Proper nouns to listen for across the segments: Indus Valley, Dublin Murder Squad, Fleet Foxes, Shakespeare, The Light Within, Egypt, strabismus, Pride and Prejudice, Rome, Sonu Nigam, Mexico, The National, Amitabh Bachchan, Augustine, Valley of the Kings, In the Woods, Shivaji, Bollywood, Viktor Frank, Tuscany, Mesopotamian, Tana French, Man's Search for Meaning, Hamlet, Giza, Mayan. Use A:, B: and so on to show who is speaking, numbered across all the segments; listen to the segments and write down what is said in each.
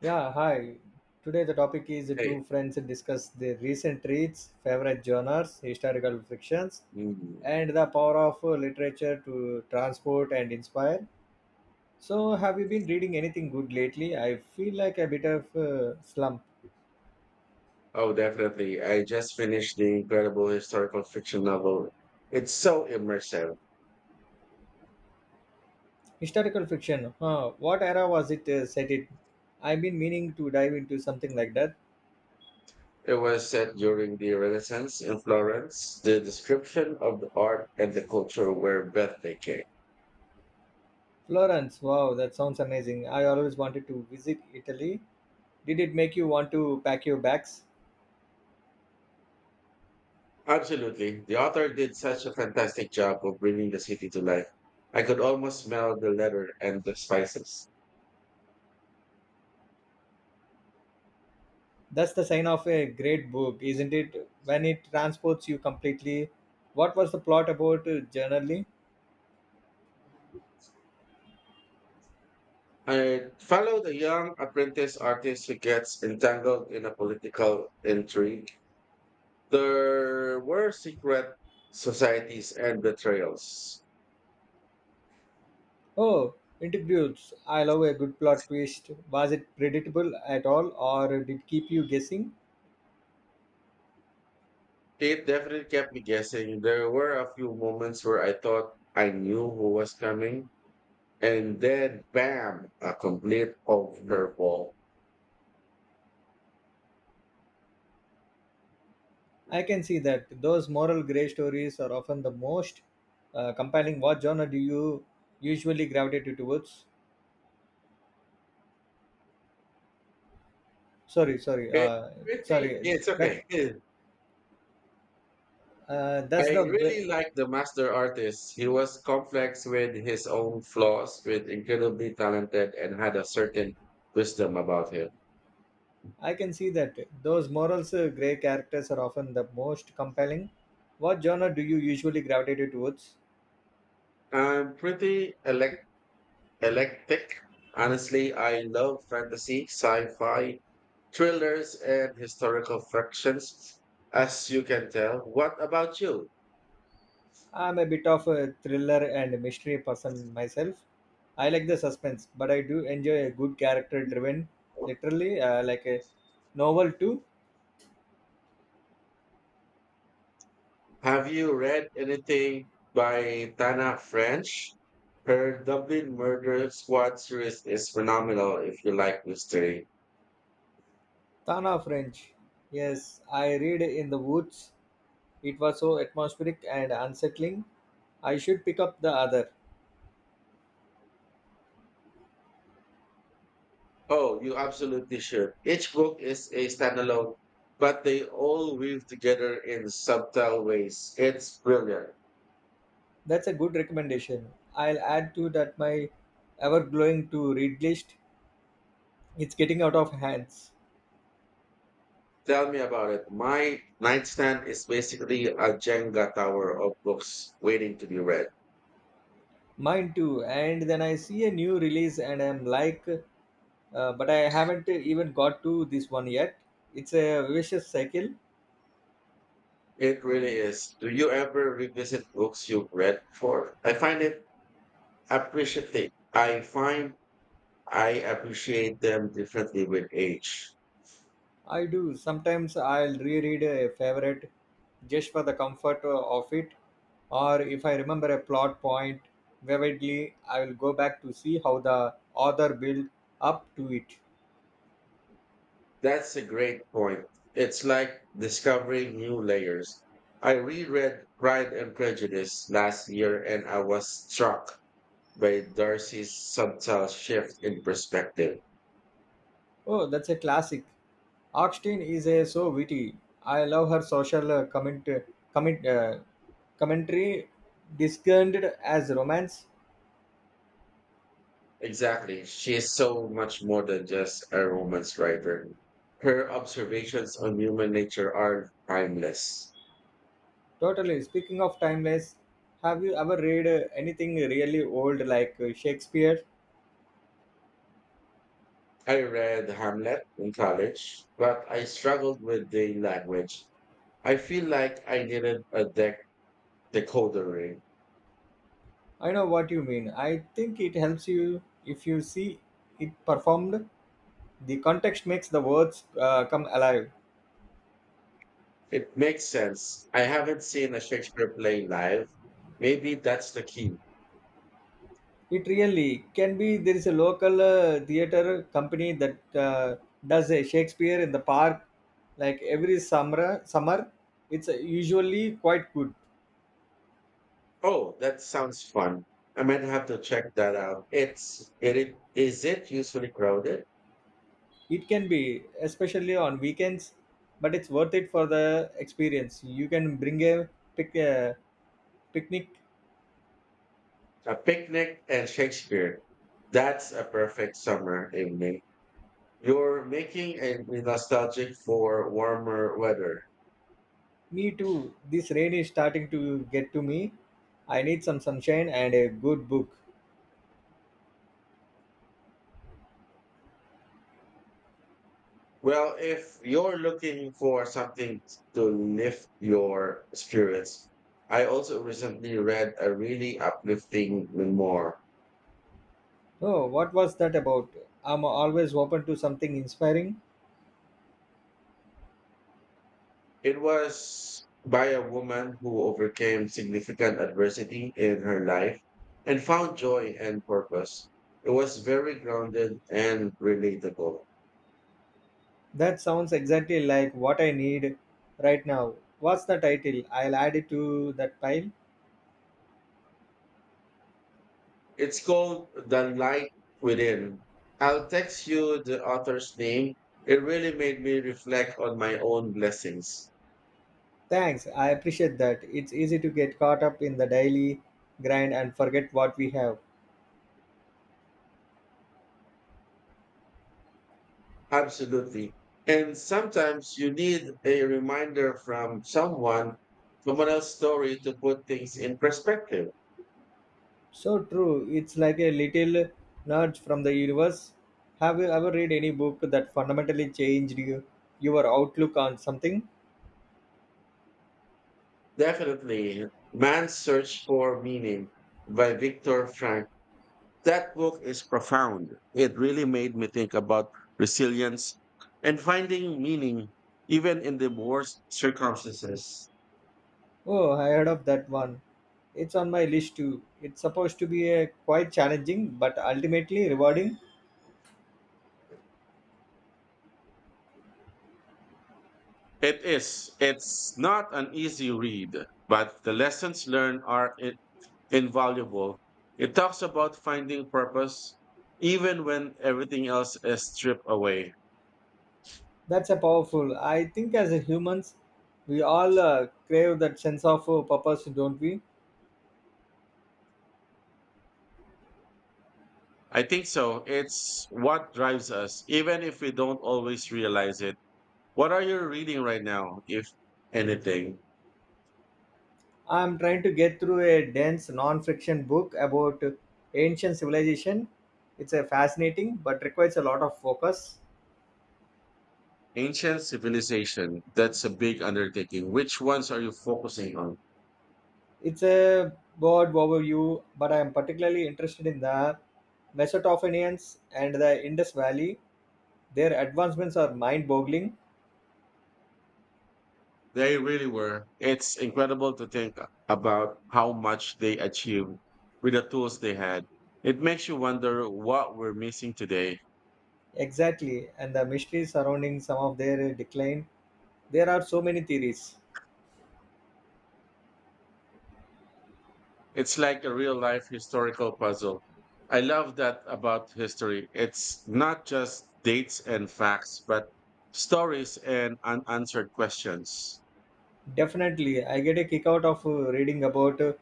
A: Yeah, hi. Today the topic is the
B: Hey.
A: two friends discuss their recent reads, favorite genres, historical fictions,
B: Mm.
A: and the power of literature to transport and inspire. So, have you been reading anything good lately? I feel like a bit of slump.
B: Oh, definitely. I just finished the incredible historical fiction novel. It's so immersive.
A: Historical fiction. Huh. What era was it set in? I've been meaning to dive into something like that.
B: It was set during the Renaissance in Florence. The description of the art and the culture were breathtaking.
A: Florence. Wow, that sounds amazing. I always wanted to visit Italy. Did it make you want to pack your bags?
B: Absolutely. The author did such a fantastic job of bringing the city to life. I could almost smell the leather and the spices.
A: That's the sign of a great book, isn't it? When it transports you completely. What was the plot about generally?
B: I followed a young apprentice artist who gets entangled in a political intrigue. There were secret societies and betrayals.
A: Oh, interviews. I love a good plot twist. Was it predictable at all or did it keep you guessing?
B: It definitely kept me guessing. There were a few moments where I thought I knew who was coming, and then bam, a complete overhaul.
A: I can see that those moral grey stories are often the most compelling. What genre do you usually gravitate towards? Sorry, sorry,
B: Eh,
A: uh,
B: pretty,
A: sorry.
B: it's
A: That
B: okay. I
A: that's the
B: really like the master artist. He was complex with his own flaws, with incredibly talented, and had a certain wisdom about him.
A: I can see that. Those morals grey characters are often the most compelling. What genre do you usually gravitate towards?
B: I'm eclectic. Honestly, I love fantasy, sci-fi, thrillers, and historical fictions, as you can tell. What about you?
A: I'm a bit of a thriller and mystery person myself. I like the suspense, but I do enjoy a good character driven, literally, like a novel too.
B: Have you read anything by Tana French? Her Dublin Murder Squad series is phenomenal if you like mystery.
A: Tana French. Yes, I read In the Woods. It was so atmospheric and unsettling. I should pick up the other.
B: Oh, you absolutely should. Each book is a standalone, but they all weave together in subtle ways. It's brilliant.
A: That's a good recommendation. I'll add to that my ever glowing to read list. It's getting out of hands.
B: Tell me about it. My nightstand is basically a Jenga tower of books waiting to be read.
A: Mine too. And then I see a new release and I'm like, but I haven't even got to this one yet. It's a vicious cycle.
B: It really is. Do you ever revisit books you've read before? I find it Appreciate. I find I appreciate them differently with age.
A: I do. Sometimes I'll reread a favorite just for the comfort of it. Or if I remember a plot point vividly, I will go back to see how the author built up to it.
B: That's a great point. It's like discovering new layers. I reread Pride and Prejudice last year and I was struck by Darcy's subtle shift in perspective.
A: Oh, that's a classic. Augustine is a so witty. I love her social comment, uh, commentary discerned as romance.
B: Exactly. She is so much more than just a romance writer. Her observations on human nature are timeless.
A: Totally. Speaking of timeless, have you ever read anything really old like Shakespeare?
B: I read Hamlet in college, but I struggled with the language. I feel like I needed a dec- decoder ring.
A: I know what you mean. I think it helps you if you see it performed. The context makes the words come alive.
B: It makes sense. I haven't seen a Shakespeare play live. Maybe that's the key.
A: It really can be. There is a local theater company that uh, does a Shakespeare in the park, like every summer. It's usually quite good.
B: Oh, that sounds fun. I might have to check that out. It's it, it is it usually crowded?
A: It can be, especially on weekends, but it's worth it for the experience. You can bring a pic, uh, picnic.
B: A picnic and Shakespeare. That's a perfect summer evening. You're making a me nostalgic for warmer weather.
A: Me too. This rain is starting to get to me. I need some sunshine and a good book.
B: Well, if you're looking for something to lift your spirits, I also recently read a really uplifting memoir.
A: Oh, what was that about? I'm always open to something inspiring.
B: It was by a woman who overcame significant adversity in her life and found joy and purpose. It was very grounded and relatable.
A: That sounds exactly like what I need right now. What's the title? I'll add it to that pile.
B: It's called The Light Within. I'll text you the author's name. It really made me reflect on my own blessings.
A: Thanks, I appreciate that. It's easy to get caught up in the daily grind and forget what we have.
B: Absolutely. And sometimes you need a reminder from someone else's story to put things in perspective.
A: So true, it's like a little nudge from the universe. Have you ever read any book that fundamentally changed you, your outlook on something?
B: Definitely. Man's Search for Meaning by Viktor Frank. That book is profound. It really made me think about resilience and finding meaning even in the worst circumstances.
A: Oh, I heard of that one. It's on my list too. It's supposed to be a quite challenging but ultimately rewarding.
B: It is. It's not an easy read, but the lessons learned are invaluable. It talks about finding purpose even when everything else is stripped away.
A: That's a powerful. I think as a humans, we all crave that sense of purpose, don't we?
B: I think so. It's what drives us, even if we don't always realize it. What are you reading right now, if anything?
A: I'm trying to get through a dense non-fiction book about ancient civilization. It's a fascinating, but requires a lot of focus.
B: Ancient civilization. That's a big undertaking. Which ones are you focusing on?
A: It's a broad overview, but I am particularly interested in the Mesopotamians and the Indus Valley. Their advancements are mind-boggling.
B: They really were. It's incredible to think about how much they achieved with the tools they had. It makes you wonder what we're missing today.
A: Exactly, and the mysteries surrounding some of their decline. There are so many theories.
B: It's like a real life historical puzzle. I love that about history. It's not just dates and facts, but stories and unanswered questions.
A: Definitely, I get a kick out of reading about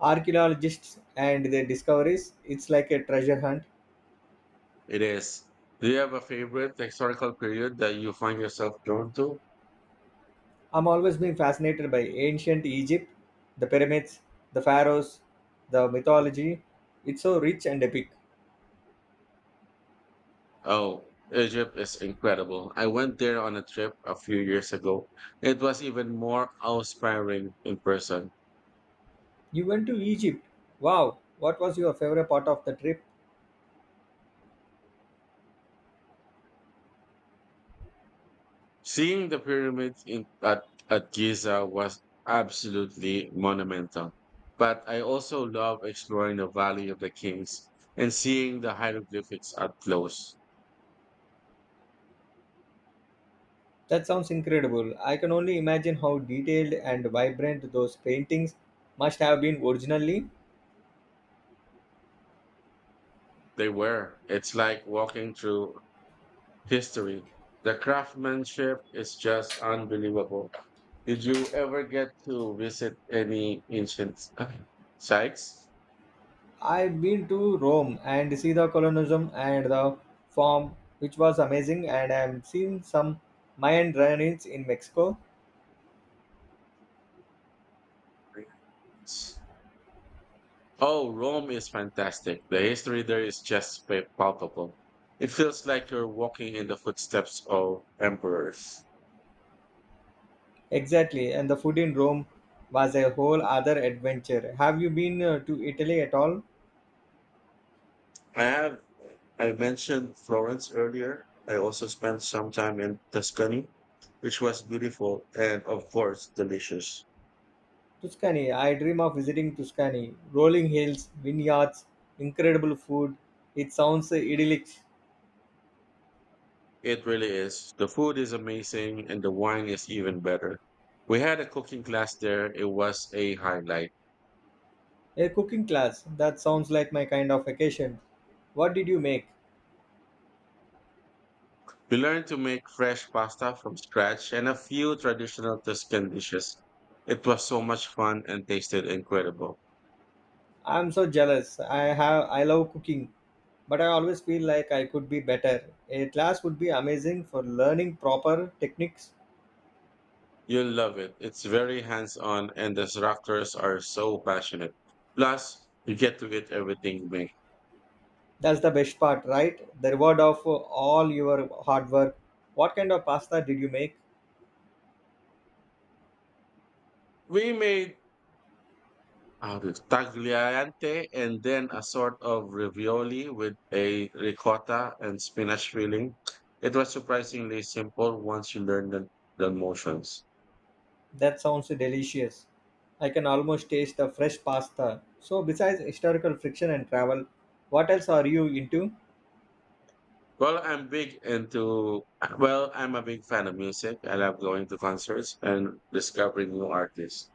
A: archaeologists and their discoveries. It's like a treasure hunt.
B: It is. Do you have a favorite historical period that you find yourself drawn to?
A: I'm always been fascinated by ancient Egypt, the pyramids, the pharaohs, the mythology. It's so rich and epic.
B: Oh, Egypt is incredible. I went there on a trip a few years ago. It was even more awe inspiring in person.
A: You went to Egypt. Wow, what was your favorite part of the trip?
B: Seeing the pyramids in at Giza was absolutely monumental. But I also love exploring the Valley of the Kings and seeing the hieroglyphics up close.
A: That sounds incredible. I can only imagine how detailed and vibrant those paintings must have been originally.
B: They were. It's like walking through history. The craftsmanship is just unbelievable. Did you ever get to visit any ancient sites?
A: I've been to Rome and see the colonialism and the form, which was amazing. And I've seen some Mayan ruins in Mexico.
B: Oh, Rome is fantastic. The history there is just pa- palpable. It feels like you're walking in the footsteps of emperors.
A: Exactly, and the food in Rome was a whole other adventure. Have you been to Italy at all?
B: I have I mentioned Florence earlier. I also spent some time in Tuscany, which was beautiful and, of course, delicious.
A: Tuscany. I dream of visiting Tuscany. Rolling hills, vineyards, incredible food. It sounds idyllic.
B: It really is. The food is amazing and the wine is even better. We had a cooking class there. It was a highlight.
A: A cooking class. That sounds like my kind of vacation. What did you make?
B: We learned to make fresh pasta from scratch and a few traditional Tuscan dishes. It was so much fun and tasted incredible.
A: I'm so jealous. I love cooking, but I always feel like I could be better. A class would be amazing for learning proper techniques.
B: You'll love it. It's very hands on, and the instructors are so passionate. Plus, you get to eat everything you make.
A: That's the best part, right? The reward of all your hard work. What kind of pasta did you make?
B: We made tagliante and then a sort of ravioli with a ricotta and spinach filling. It was surprisingly simple once you learn the motions.
A: That sounds delicious. I can almost taste the fresh pasta. So besides historical friction and travel, what else are you into?
B: Well, I'm big into, well, I'm a big fan of music. I love going to concerts and discovering new artists.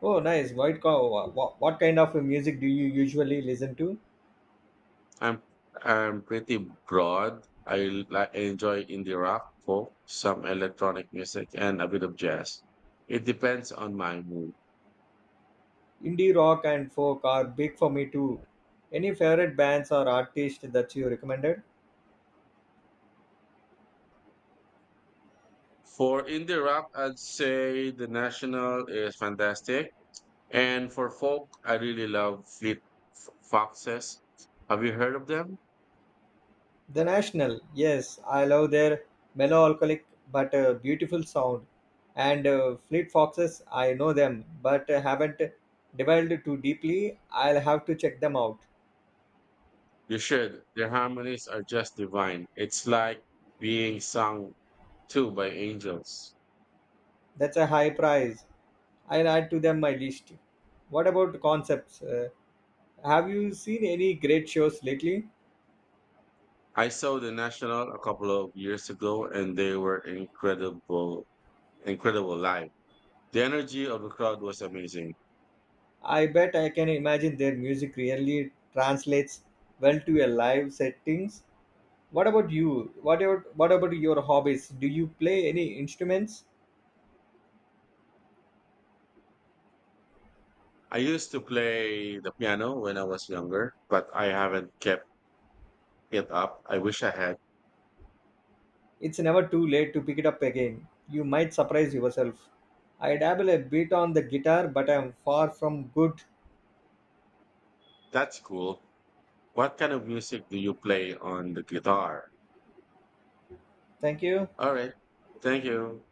A: Oh, nice. White cow. What kind of music do you usually listen to?
B: I'm I'm pretty broad. I enjoy indie rock, folk, some electronic music, and a bit of jazz. It depends on my mood.
A: Indie rock and folk are big for me too. Any favorite bands or artists that you recommended?
B: For indie rock, I'd say The National is fantastic, and for folk, I really love Fleet Foxes. Have you heard of them?
A: The National, yes, I love their melancholic but beautiful sound. And Fleet Foxes, I know them but haven't delved too deeply. I'll have to check them out.
B: You should. Their harmonies are just divine. It's like being sung to by angels.
A: That's a high price. I'll add to them my list. What about concepts? Have you seen any great shows lately?
B: I saw the National a couple of years ago and they were incredible live. The energy of the crowd was amazing.
A: I bet I can imagine their music really translates well to a live settings. What about you? What about, your hobbies? Do you play any instruments?
B: I used to play the piano when I was younger, but I haven't kept it up. I wish I had.
A: It's never too late to pick it up again. You might surprise yourself. I dabble a bit on the guitar, but I'm far from good.
B: That's cool. What kind of music do you play on the guitar?
A: Thank you.
B: All right. Thank you.